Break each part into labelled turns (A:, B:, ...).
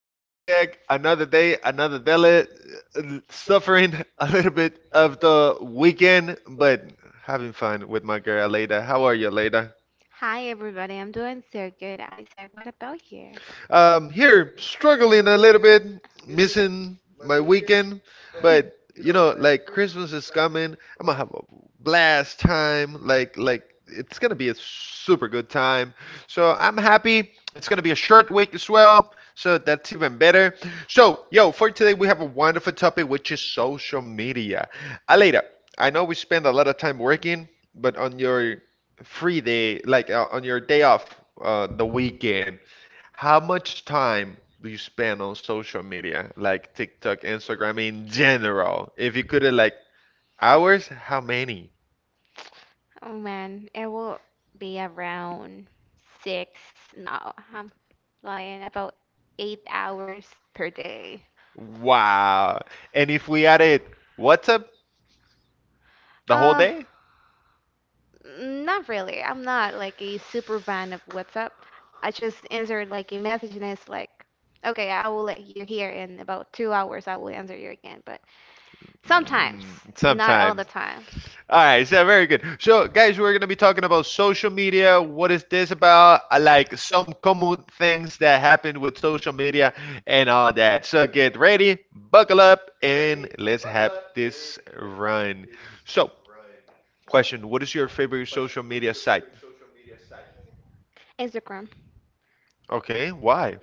A: Isaac. Another day, another deli, suffering a little bit of the weekend, but having fun with my girl Leda. How are you, Leda?
B: Hi everybody, I'm doing so good. Isaac, what about you?
A: Here, struggling a little bit, missing my weekend, but you know, like Christmas is coming. I'm gonna have a blast time. Like it's gonna be a super good time. So I'm happy. It's gonna be a short week as well. So that's even better. So, yo, for today we have a wonderful topic, which is social media. Aleda, I know we spend a lot of time working, but on your free day, like on your day off, the weekend. How much time do you spend on social media, like TikTok, Instagram in general? If you could, like hours, how many?
B: Oh man, it will be around six. No, I'm lying. About 8 hours per day.
A: Wow. And if we added WhatsApp the whole
B: Uh,
A: day?
B: not really. I'm not like a super fan of WhatsApp. I just answer like a message and it's like, okay, I will let you here in about 2 hours. I will answer you again. But sometimes,
A: Mm,
B: not all the
A: sometimes.
B: time.
A: All right, so very good. So, guys, we're going to be talking about social media. What is this about? I like some common things that happen with social media and all that. So, get ready, buckle up, and let's have this run. So, question, what is your favorite social media site?
B: Instagram.
A: Okay,
B: Yeah.
A: why?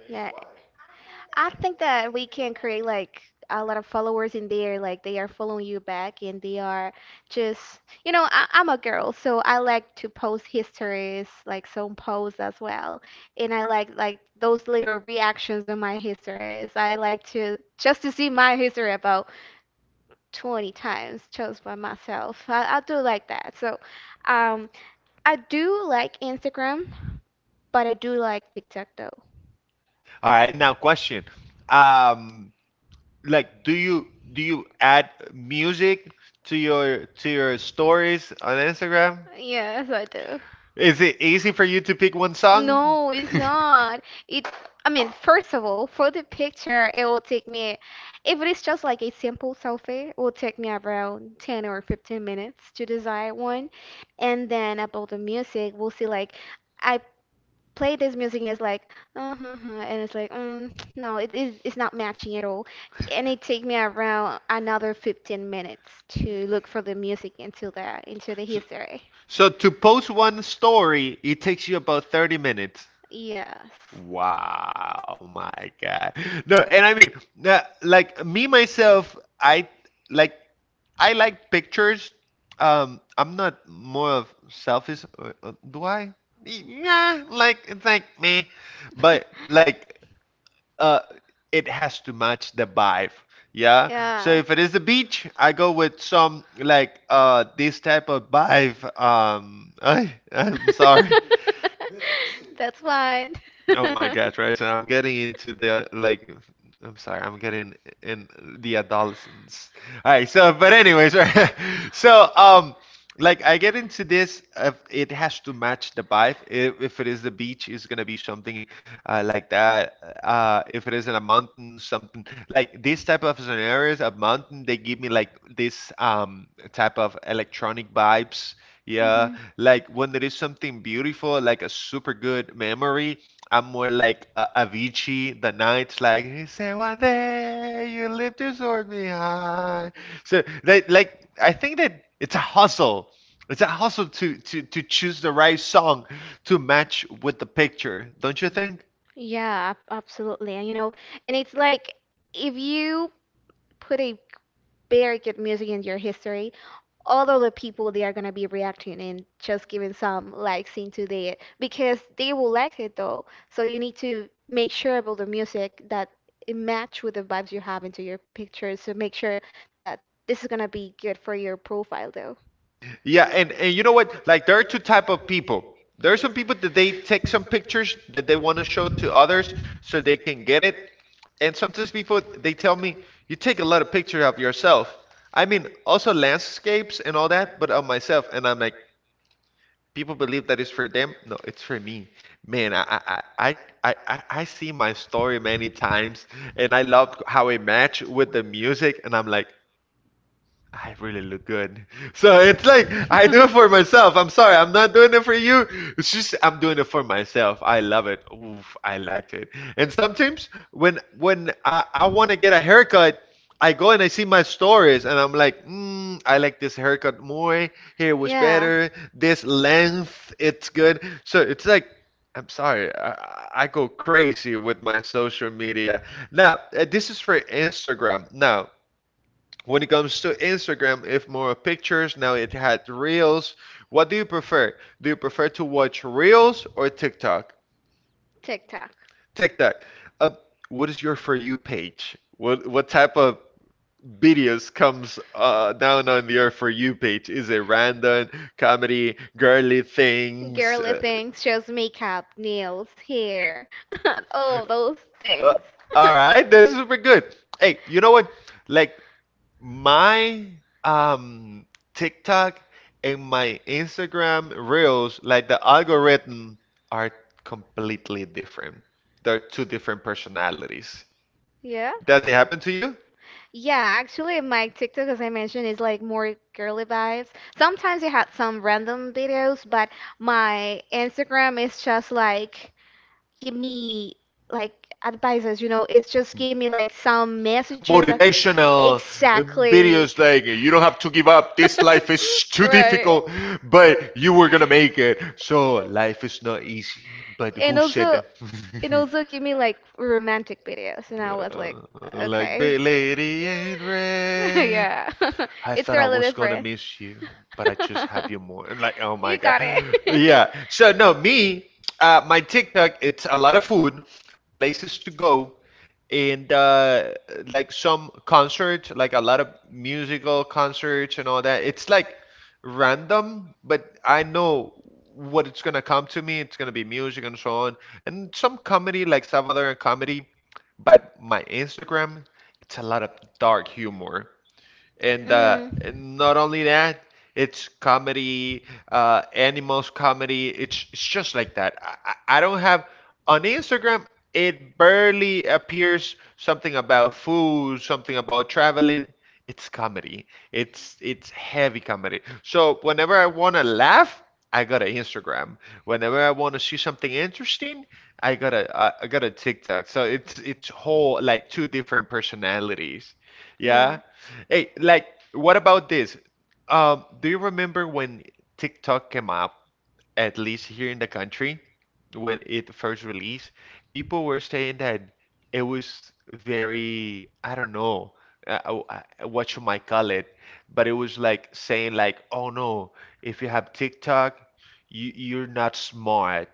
B: I think that we can create like a lot of followers in there, like they are following you back and they are just, you know, I'm a girl, so I like to post histories, like some posts as well. And I like those little reactions on my histories. I like to just to see my history about 20 times just by myself. I do like that. So, um, I do like Instagram, but I do like TikTok though.
A: All right, now question. Um, like do you add music to your stories on Instagram?
B: Yes, I do.
A: Is it easy for you to pick one song?
B: No, it's not. I mean, first of all, for the picture, it will take me, if it is just like a simple selfie, it will take me around 10 or 15 minutes to design one. And then about the music, we'll see like, I play this music and it's like, uh huh, huh, and it's like, mm, no, it's not matching at all. And it take me around another 15 minutes to look for the music into that, into the history.
A: So to post one story, it takes you about 30 minutes.
B: Yes.
A: Wow, my God. No, and I mean, like me myself, like I like pictures. I'm not more of selfies. Do I? Yeah, like it's like me, but like uh, it has to match the vibe. Yeah. So
B: Yeah.
A: if it is the beach, I go with some like this type of vibe. I'm sorry.
B: That's fine.
A: Oh my gosh, right? So I'm getting into the like I'm sorry, I'm getting in the adolescence. All right, so but anyways, right? So like I get into this if it has to match the vibe. If it is the beach, it's gonna be something like that. If it is in a mountain, something like this type of scenarios, a mountain, they give me like this type of electronic vibes. Yeah,
B: Hmm.
A: like when there is something beautiful, like a super good memory I'm more like Avicii, the Knights, like he said one day you lift your sword behind. So they like I think that it's a hustle. It's a hustle to to choose the right song to match with the picture, don't you think?
B: Yeah, absolutely. And you know, and it's like if you put a very good music in your history, all of the people they are gonna be reacting and just giving some likes into it because they will like it though. So you need to make sure about the music that it match with the vibes you have into your pictures. So make sure that this is gonna be good for your profile though.
A: Yeah, and you know what? Like there are two type of people. There are some people that they take some pictures that they want to show to others so they can get it. And sometimes people they tell me you take a lot of pictures of yourself. I mean, also landscapes and all that, but of myself. And I'm like, people believe that it's for them. No, it's for me. Man, I I see my story many times, and I love how it match with the music. And I'm like, I really look good. So it's
B: It's like,
A: like I
B: I'm
A: do
B: good
A: it
B: for
A: for myself.
B: myself.
A: I'm
B: I'm
A: sorry,
B: sorry,
A: I'm
B: I'm
A: not
B: not good
A: doing it for
B: for you.
A: you. It's just I'm doing it for myself. I love it. Oof, I liked it. And sometimes when I want to get a haircut, I go and I see my stories and I'm like, mm, I like this haircut more.
B: Here we
A: Here
B: go.
A: was
B: Yeah, here.
A: better. This length, it's good. So it's like I'm sorry, I go crazy with my social media. Now, this is for Instagram. Now, when it comes to Instagram, if more pictures, now it had Reels. What do you prefer? Do you prefer to watch Reels or TikTok?
B: TikTok.
A: TikTok. Uh, what is your For You page? What type of videos comes down on your For You page? Is it random, comedy,
B: Girly
A: girly
B: thing.
A: things?
B: Girly things, just makeup, nails, hair, all of those
A: Uh,
B: things.
A: all right, this is super good. Hey, you know what? Like my um TikTok and my Instagram reels, like the algorithm, are completely different. They're two different personalities.
B: Yeah.
A: Does it happen to you?
B: Yeah, actually, my TikTok, as I mentioned, is like more girly vibes. Sometimes it had some random videos, but my Instagram is just like give me like advices, you know, it's just
A: Hmm.
B: give me like some messages. Motivational.
A: Motivational videos
B: Exactly.
A: like you don't have to give up this life is too
B: Right.
A: difficult but you were gonna make it so life is not easy but
B: and
A: who said
B: also and
A: exactly. That
B: also give me like romantic videos and I was like,
A: Like
B: okay.
A: big lady in red
B: Yeah.
A: I
B: It's
A: thought I
B: really
A: was gonna
B: different.
A: miss you, but I just have you more. And like, oh my
B: You
A: God.
B: got it.
A: Yeah. So no, me, my TikTok, it's a lot of food, places to go, and like some concerts, like a lot of musical concerts and all that. It's like random, but I know what it's gonna come to me. It's gonna be music and so on, and some comedy, like Salvadoran comedy. But my Instagram, it's a lot of dark humor. And uh,
B: Mm.
A: and not only that, it's comedy, animals comedy. It's just like that. I, I don't have on Instagram. It barely appears something about food, something about traveling. It's comedy. It's heavy comedy. So whenever I want to laugh, I got to Instagram. Whenever I want to see something interesting, I got a I got a TikTok. So it's whole like two different personalities. Yeah.
B: Yeah.
A: Hey, like, what about this? Do you remember when TikTok came up, at least here in the country, when it first released? People were saying that it was very, I don't know, uh, uh, what you might call it, but it was like saying like, oh no, if you have TikTok, you're not smart.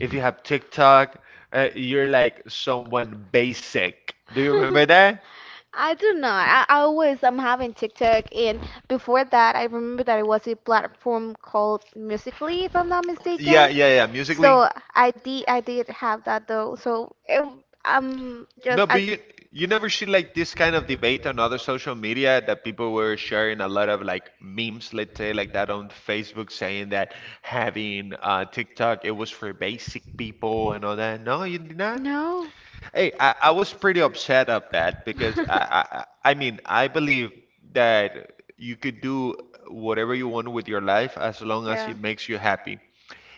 A: If you have TikTok, you're like someone basic. Do you remember that?
B: I do not. I always I'm having TikTok, and before that, I remember that it was a platform called Musically, if I'm not mistaken.
A: Yeah. Musically.
B: So I did have that though. So it, I'm just
A: No,
B: I,
A: but you never see like this kind of debate on other social media that people were sharing a lot of like memes, let's say like that on Facebook saying that having TikTok it was for basic people and all that. No, you did not?
B: no.
A: Hey, I was pretty upset of that because I mean I believe that you could do whatever you want with your life as long as
B: Yeah.
A: it makes you happy.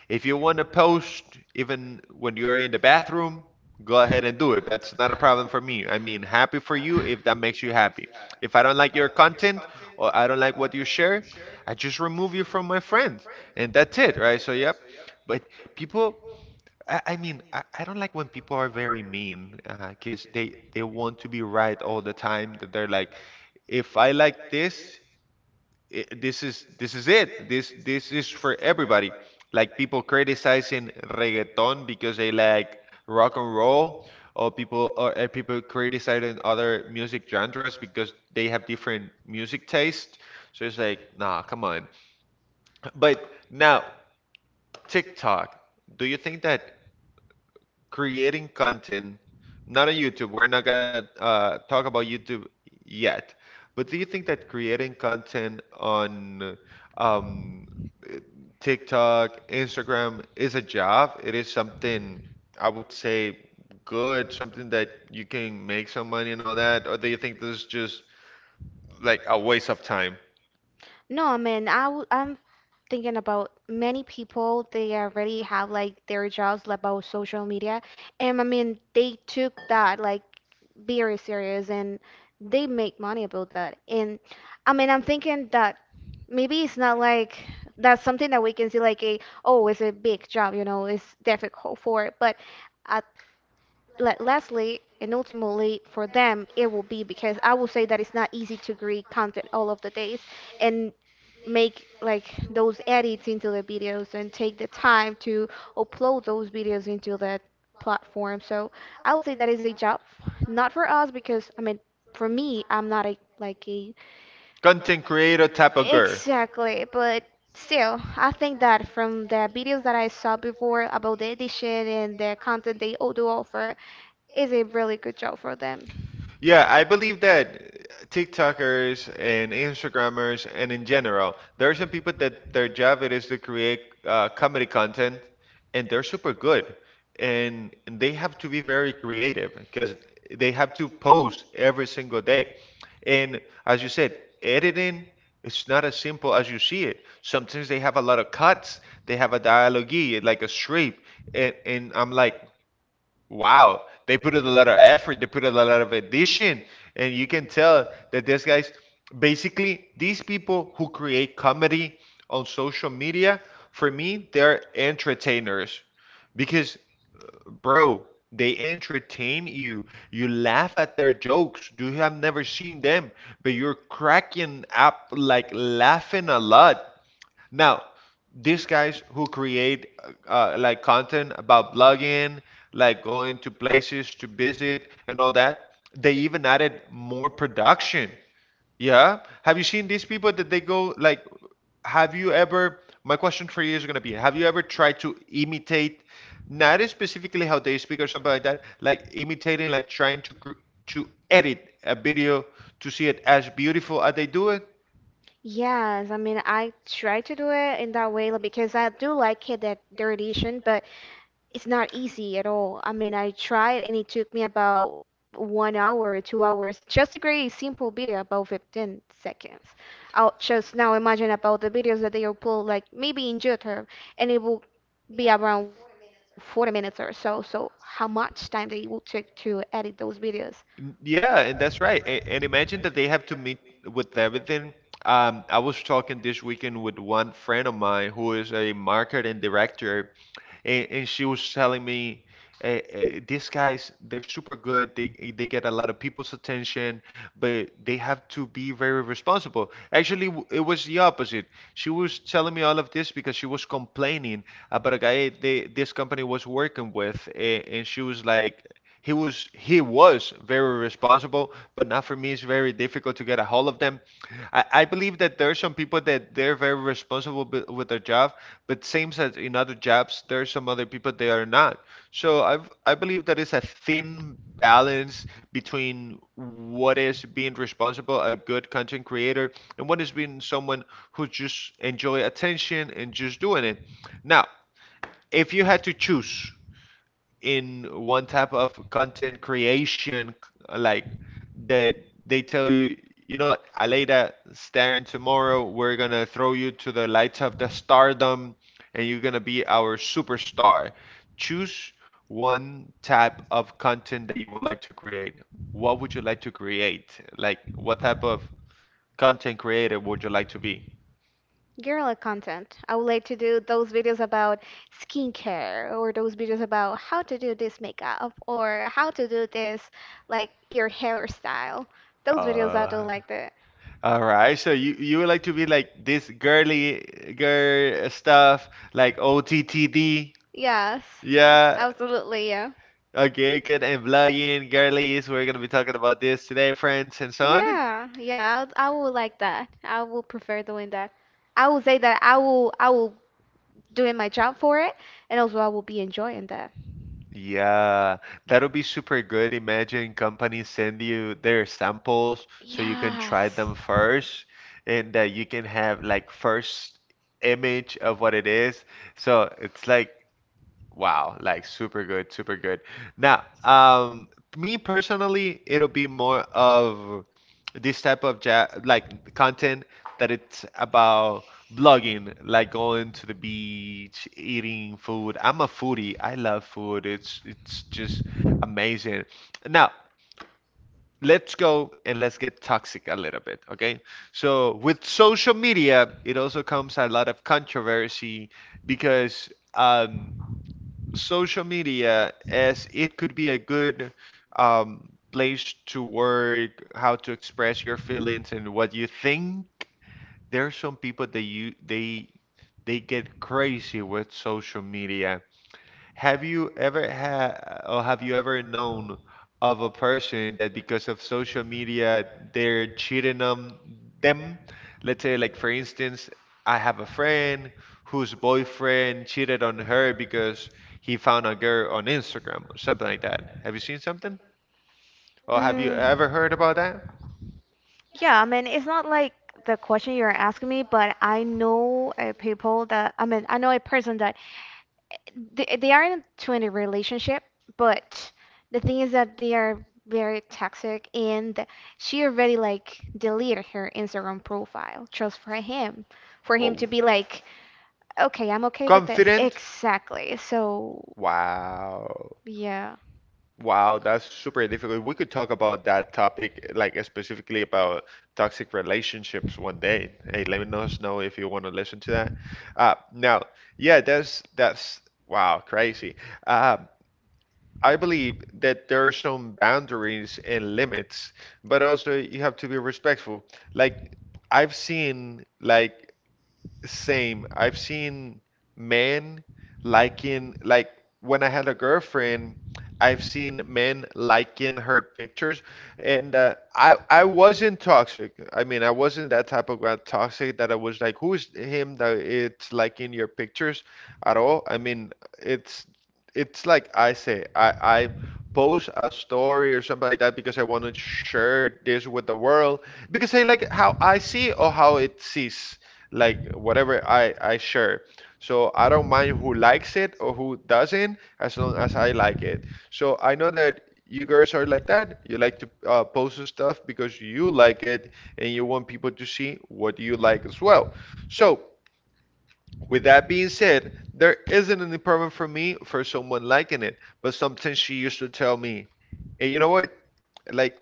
A: If you want to post even when you're in the bathroom, go ahead and do it. That's not a problem for me. I mean, happy for you if that makes you happy. If I don't like your content or I don't like what you share, I just remove you from my friends and that's it, right? So yep. But people I mean, I don't like when people are very mean, 'cause they want to be right all the time. That they're like, if I like this, I this is it. This is for everybody. Like people criticizing reggaeton because they like rock and roll, or people criticizing other music genres because they have different music taste. So it's like, nah, come on. But now TikTok, do you think that creating content, not on YouTube. We're not gonna talk about YouTube yet. But do you think that creating content on um, TikTok, Instagram is a job? It is something I would say good, something that you can make some money and all that, or do you think this is just like a waste of time?
B: No, I mean, I'm thinking about many people, they already have like their jobs like, about social media. And I mean, they took that like very serious and they make money about that. And I mean, I'm thinking that maybe it's not like that's something that we can see like a, oh, it's a big job, you know, it's difficult for it. But at like lastly and ultimately for them it will be because I will say that it's not easy to create content all of the days and make like those edits into the videos and take the time to upload those videos into that platform. So I would say that is a job, not for us because I mean for me I'm not a like a
A: Content
B: content
A: creator
B: creator type of
A: type of
B: person.
A: girl.
B: Exactly, but still, I think that from the videos that I saw before about the edition and the content they all do offer, is a really good job for them.
A: Yeah, I believe that TikTokers and Instagrammers and in general, there are some people that their job it is to create comedy content, and they're super good, and they have to be very creative because they have to post every single day. And as you said, editing it's not as simple as you see it. Sometimes they have a lot of cuts, they have a dialogue, like a script, and I'm like, wow, they put in a lot of effort, they put in a lot of addition, and you can tell that these guys basically these people who create comedy on social media, for me, they're entertainers because bro, they entertain you. You laugh at their jokes. Do you have never seen them, but you're cracking up like laughing a lot. Now, these guys who create like content about blogging, like going to places to visit and all that, they even added more production. Yeah. Have you seen these people that they go like, have you ever, my question for you is going to be, have you ever tried to imitate, not specifically how they speak or something like that, like imitating, like trying to cr to edit a video to see it as beautiful as they do it?
B: Yes, I mean, I try to do it in that way like, because I do like it that their edition, but it's not easy at all. I mean, I tried and it took me about 1 hour, 2 hours just to create a simple video about 15 seconds. I'll just now imagine about the videos that they upload, like maybe in YouTube, and it will be around 40 minutes or so. So, how much time they will take to edit those videos?
A: Yeah, and that's right. And imagine that they have to meet with everything. I was talking this weekend with one friend of mine who is a marketing director, and she was telling me, these guys, they're super good. They get a lot of people's attention, but they have to be very responsible. Actually, it was the opposite. She was telling me all of this because she was complaining about a guy this company was working with, and she was like, he was very responsible. But now for me it's very difficult to get a hold of them. I believe that there are some people that they're very responsible with their job, but same as in other jobs, there are some other people they are not. So I believe that is a thin balance between what is being responsible, a good content creator, and what is being someone who just enjoy attention and just doing it. Now, if you had to choose in one type of content creation, like that they tell you, Aleida, starting tomorrow, we're gonna throw you to the lights of the stardom, and you're gonna be our superstar. Choose one type of content that you would like to create. What would you like to create? Like, what type of content creator would you like to be?
B: Girl content. I would like to do those videos about skincare or those videos about how to do this makeup or how to do this, like your hairstyle. Those videos I do
A: Uh,
B: like that.
A: All right, so you would like to be like this girly girl stuff, like OTTD.
B: Yes.
A: Yeah.
B: Absolutely, yeah.
A: Okay, good. And blogging, girlies. We're gonna be talking about this today, friends, and so on.
B: Yeah, yeah, I would like that. I would prefer doing that. I would say that I will doing my job for it and also I will be enjoying that.
A: Yeah, that'll be super good. Imagine companies send you their samples so you can try
B: Yes.
A: them first and that you can have like first image of what it is. So it's like, wow, like super good, super good. Now, me personally, it'll be more of this type of ja like content that it's about blogging, like going to the beach, eating food. I'm a foodie. I love food. It's just amazing. Now, let's go and let's get toxic a little bit, okay? So, with social media, it also comes a lot of controversy because um social media as it could be a good place to work, how to express your feelings and what you think. There are some people that you they get crazy with social media. Have you ever had or have you ever known of a person that because of social media they're cheating on them? Let's say like for instance, I have a friend whose boyfriend cheated on her because he found a girl on Instagram or something like that. Have you seen something? Or have you
B: Mm,
A: ever heard about that?
B: yeah, I mean, it's not like the question you're asking me, but I know people that, I mean, I know a person that they are into a relationship, but the thing is that they are very toxic and she already like deleted her Instagram profile just for him
A: Oh,
B: to be like, okay, I'm okay with this.
A: confident?
B: Exactly. So,
A: Wow.
B: yeah.
A: Wow, that's super difficult. We could talk about that topic, like specifically about toxic relationships one day. Hey, let us know if you want to listen to that. Now, yeah, that's wow, crazy. Um, I believe that there are some boundaries and limits, but also you have to be respectful. Like I've seen, like same. I've seen men liking, like when I had a girlfriend, I've seen men liking her pictures, and I wasn't toxic. I mean, I wasn't that type of guy toxic that I was like, who is him that it's liking your pictures at all? I mean, it's it's like I say, I post a story or something like that because I want to share this with the world because I like how I see or how it sees like whatever I share. So I don't mind who likes it or who doesn't, as long as I like it. So I know that you girls are like that. You like to post stuff because you like it and you want people to see what you like as well. So with that being said, there isn't any problem for me for someone liking it. But sometimes she used to tell me, "Hey, you know what? Like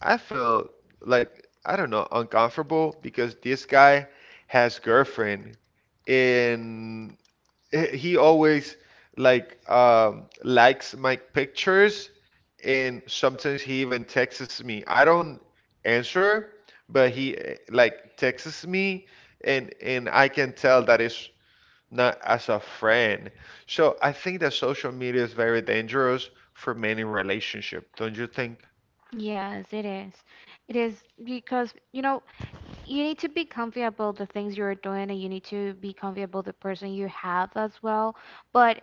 A: I feel like I don't know uncomfortable because this guy has girlfriend and he always like likes my pictures and sometimes he even texts me. I don't answer, but he like texts me and I can tell that it's not as a friend." So I think that social media is very dangerous for many relationship, don't you think?
B: Yes, it is. It is because, you know, you need to be comfy about the things you're doing and you need to be comfy about the person you have as well, but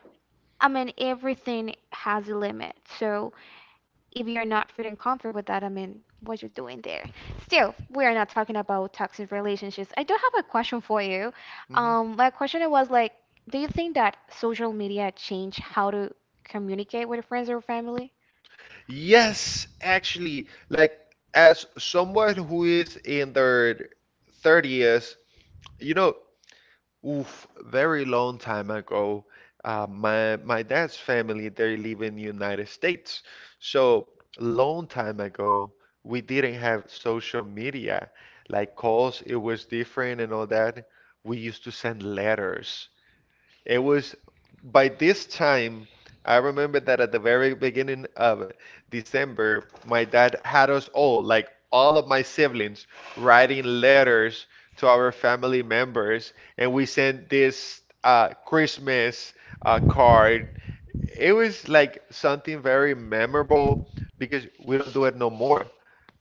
B: I mean everything has a limit so if you're not feeling comfort with that, I mean what you're doing there, still we are not talking about toxic relationships. I do have a question for you.
A: Hmm.
B: My question was like, do you think that social media changed how to communicate with friends or family?
A: Yes, actually, like as someone who is in their 30s, you know, oof, very long time ago, my dad's family, they live in United States. So, long time ago, we didn't have social media, like calls, it was different and all that. We used to send letters. It was by this time, I remember that at the very beginning of December, my dad had us all, like all of my siblings, writing letters to our family members, and we sent this Christmas card. It was like something very memorable because we don't do it no more.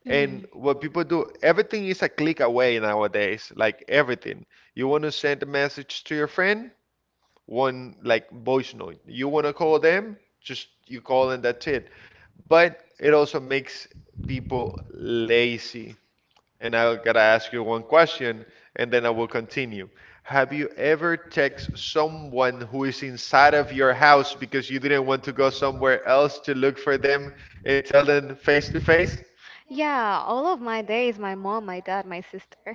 B: Mhm.
A: And what people do, everything is a click away nowadays, like everything. You want to send a message to your friend? One like voice note. You want to call them, just you call and that's it. But it also makes people lazy. And I gotta ask you one question, and then I will continue. Have you ever texted someone who is inside of your house because you didn't want to go somewhere else to look for them and tell them face to face?
B: Yeah, all of my days, my mom, my dad, my sister.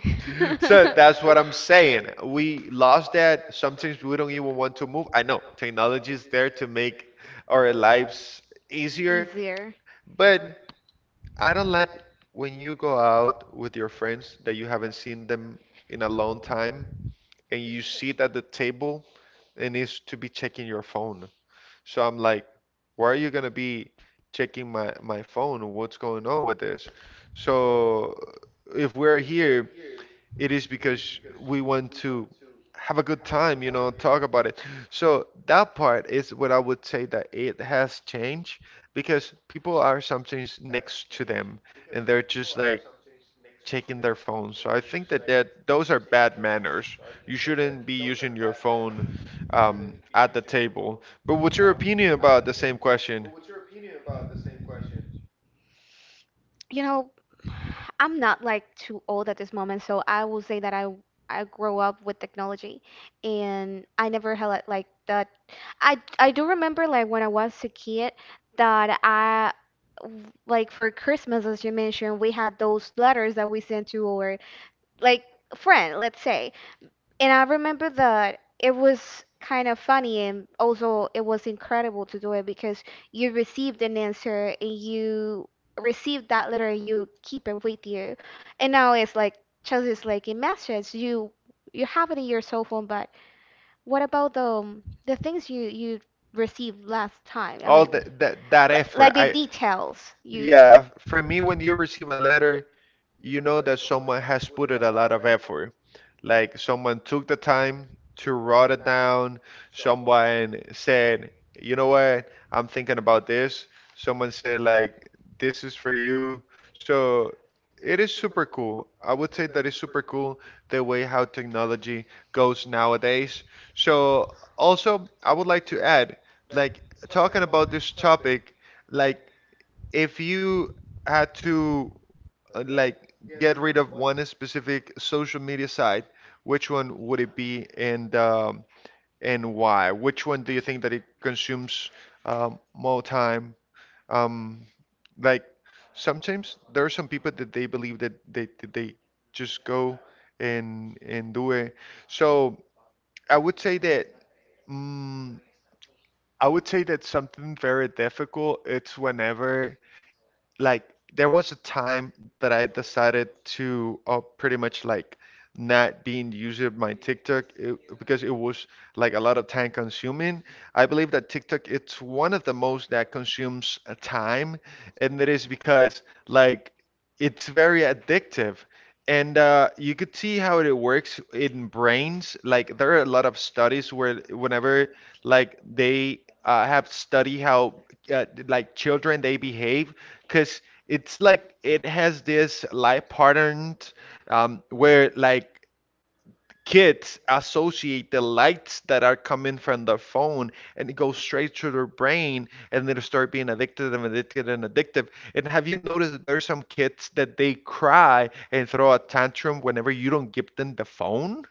A: So
B: So
A: that's what I'm saying. We lost that. Sometimes we don't even want to move. I know technology is there to make our lives easier, but I don't like when you go out with your friends that you haven't seen them in a long time and you sit at the table and it's to be checking your phone. So I'm like, why are you gonna be checking my phone? What's going on with this? So if we're here it is because we want to have a good time, talk about it. So that part is what I would say that it has changed because people are sometimes next to them and they're just like checking their phones. So I think that that those are bad manners. You shouldn't be using your phone at the table. But what's your opinion about the same question?
B: you know, I'm not like too old at this moment, so I will say that I grew up with technology and I never had like that I do remember like when I was a kid that like for Christmas as you mentioned, we had those letters that we sent to our like friend, let's say. And I remember that it was kind of funny and also it was incredible to do it because you received an answer and you received that letter and you keep it with you. And now it's like just it's like in messages. You have it in your cell phone, but what about the things you received last time? I
A: All
B: mean,
A: that effort.
B: like the
A: I
B: details you.
A: Yeah, for me, when you receive a letter, you know that someone has put in a lot of effort. Like someone took the time to write it down. Someone said, you know what, I'm thinking about this. Someone said, like, this is for you. So it is super cool. I would say that is super cool the way how technology goes nowadays. So also, I would like to add like talking about this topic, like if you had to like get rid of one specific social media site, which one would it be and why? Which one do you think that it consumes more time? Um, like sometimes there are some people that they believe that they just go and do it. So I would say that. Mm, I would say that something very difficult, it's whenever, like, there was a time that I decided to pretty much like not being using my TikTok it, because it was like a lot of time consuming. I believe that TikTok it's one of the most that consumes time, and that is because like it's very addictive. And you could see how it works in brains. Like there are a lot of studies where whenever like they have study how like children they behave, because it's like it has this life pattern where like kids associate the lights that are coming from their phone and it goes straight to their brain and they start being addicted and addicted and addictive. And have you noticed that there are some kids that they cry and throw a tantrum whenever you don't give them the phone?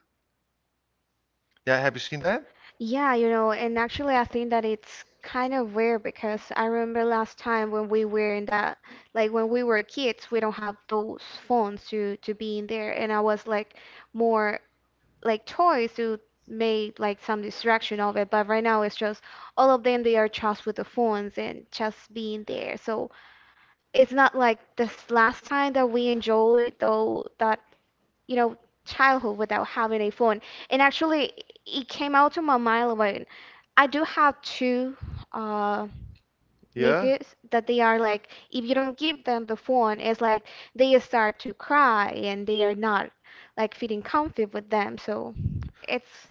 A: Yeah, have you seen that?
B: Yeah, you know, and actually, I think that it's kind of weird because I remember last time when we were in that, like when we were kids, we don't have those phones to be in there, and I was like more like toys to make like some distraction of it, but right now it's just all of them they are just with the phones and just being there. So it's not like this last time that we enjoyed though that, you know, childhood without having a phone. And actually, it came out to my mind like I do have two uh,
A: Yeah.
B: nephews that they are like, if you don't give them the phone, it's like they start to cry and they are not like feeling comfy with them. So it's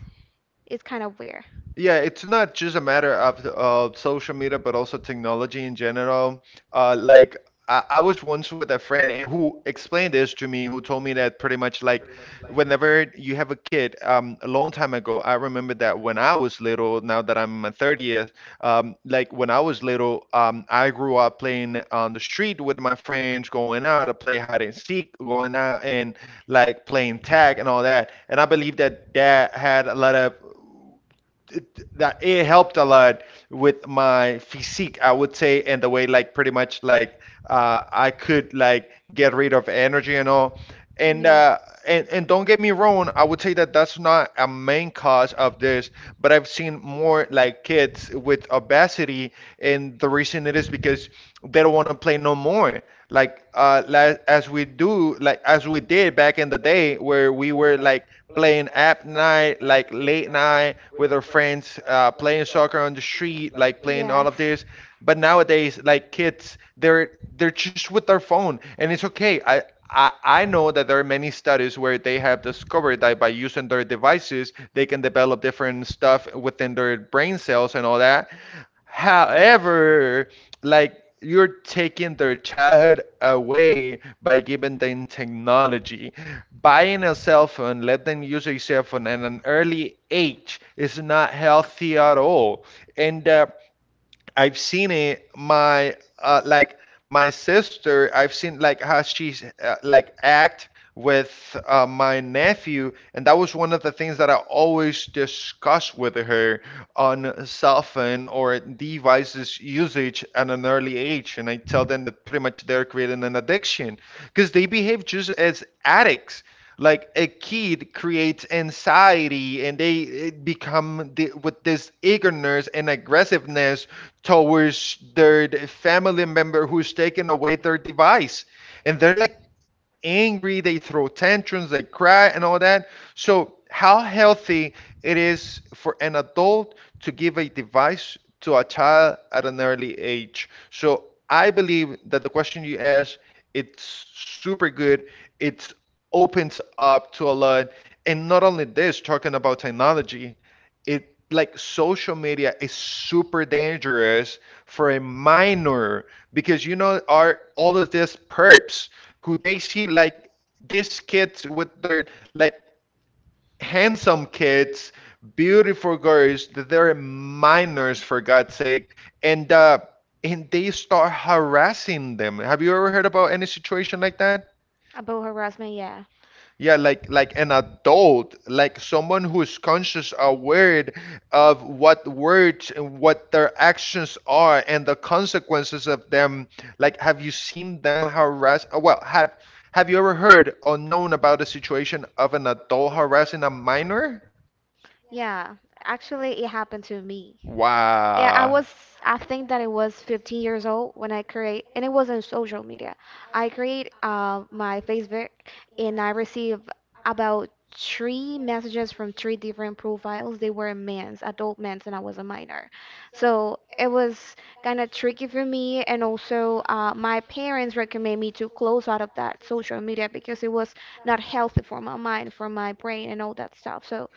B: it's kind of weird.
A: Yeah, it's not just a matter of social media, but also technology in general. Like I was once with a friend and who explained this to me, who told me that pretty much like whenever you have a kid, a long time ago, I remember that when I was little, now that I'm in my 30th, like when I was little, I grew up playing on the street with my friends, going out to play hide and seek, going out and like playing tag and all that. And I believe that that had a lot of it, that it helped a lot with my physique, I would say, and the way like pretty much like I could like get rid of energy and all. And,
B: Yeah.
A: uh, and don't get me wrong, I would say that that's not a main cause of this, but I've seen more like kids with obesity, and the reason it is because they don't want to play no more. Like as we did back in the day, where we were like playing app night, like late night with our friends, playing soccer on the street, like playing
B: Yes.
A: all of this. But nowadays, like kids, they're just with their phone, and it's okay. I know that there are many studies where they have discovered that by using their devices, they can develop different stuff within their brain cells and all that. However, like you're taking their childhood away by giving them technology. Buying a cell phone, let them use a cell phone at an early age is not healthy at all. And I've seen it. My sister, I've seen like how she's like act with my nephew, and that was one of the things that I always discuss with her on cell phone or devices usage at an early age. And I tell them that pretty much they're creating an addiction, because they behave just as addicts, like a kid creates anxiety, and they it become the, with this eagerness and aggressiveness towards their family member who's taken away their device, and they're like angry, they throw tantrums, they cry, and all that. So, how healthy it is for an adult to give a device to a child at an early age. So, I believe that the question you asked, it's super good. It opens up to a lot. And not only this, talking about technology it like social media is super dangerous for a minor, because are all of these perps who they see like these kids, with their like handsome kids, beautiful girls that they're minors, for God's sake, and uh and they start harassing them. Have you ever heard about any situation like that?
B: About harassment, yeah.
A: Yeah, like an adult, like someone who's conscious, aware of what words and what their actions are and the consequences of them. Like, have you seen them harass? Well, have you ever heard or known about a situation of an adult harassing a minor?
B: Yeah, actually, it happened to me. Yeah, I
A: Wow.
B: was, I think that it was 15 years old when I create, and it was on social media. I create my Facebook, and I received about 3 messages from 3 different profiles. They were men's, adult men's, and I was a minor. So it was kind of tricky for me, and also my parents recommend me to close out of that social media because it was not healthy for my mind, for my brain, and all that stuff. So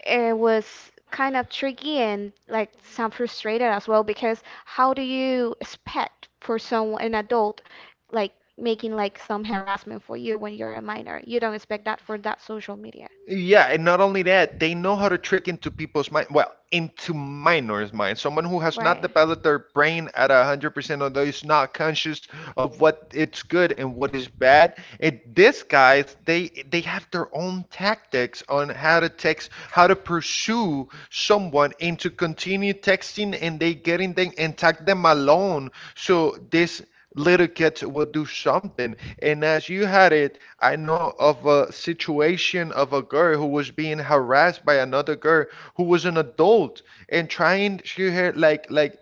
B: it was kind of tricky and like some frustrated as well because how do you expect for someone an adult like making like some harassment for you when you're a minor, you don't expect that for that social media,
A: Yeah, and not only that, they know how to trick into people's mind, well, into minors' mind. Someone who has not
B: right?
A: developed their brain at a 100% or is not conscious of what it's good and what is bad. And these guys, they have their own tactics on how to text, how to pursue someone and to continue texting and they getting them and tag them alone. So this little kids will do something. And as you had it, I know of a situation of a girl who was being harassed by another girl who was an adult and trying to her like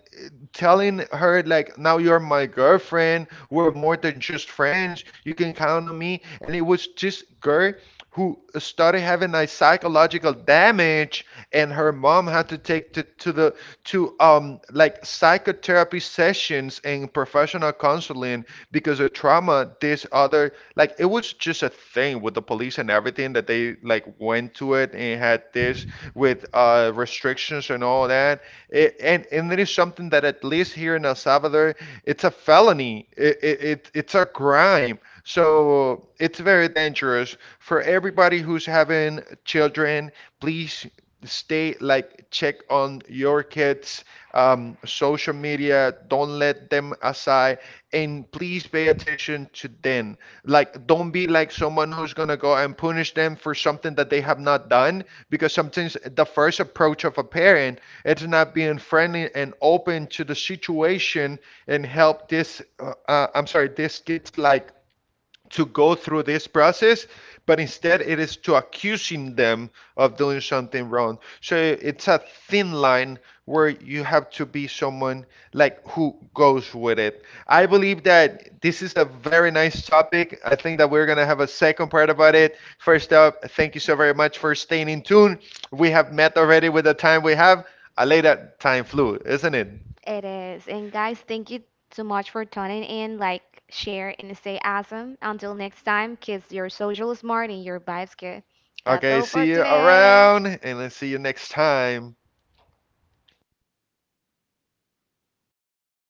A: telling her like now you're my girlfriend, we're more than just friends, you can count on me. And it was this girl who started having a psychological damage, and her mom had to take to the to like psychotherapy sessions and professional counseling because of trauma, this other like it was just a thing with the police and everything that they like went to it and had this with restrictions and all that, it, and it is something that at least here in El Salvador it's a felony, it's a crime, so it's very dangerous for everybody who's having children. Please stay like check on your kids' social media. Don't let them aside, and please pay attention to them. Like, don't be like someone who's gonna go and punish them for something that they have not done. Because sometimes the first approach of a parent is not being friendly and open to the situation and help this. I'm sorry, this kids like to go through this process, but instead it is to accusing them of doing something wrong. So it's a thin line where you have to be someone like who goes with it. I believe that this is a very nice topic. I think that we're gonna have a second part about it. First up, thank you so very much for staying in tune. We have met already with the time we have. I lay that time flew, isn't it?
B: It is. And guys, thank you so much for tuning in, like, share and stay awesome. Until next time, kiss your social smart and your vibes good. That's
A: Okay,
B: all for
A: see you
B: today.
A: around, and let's see you next time.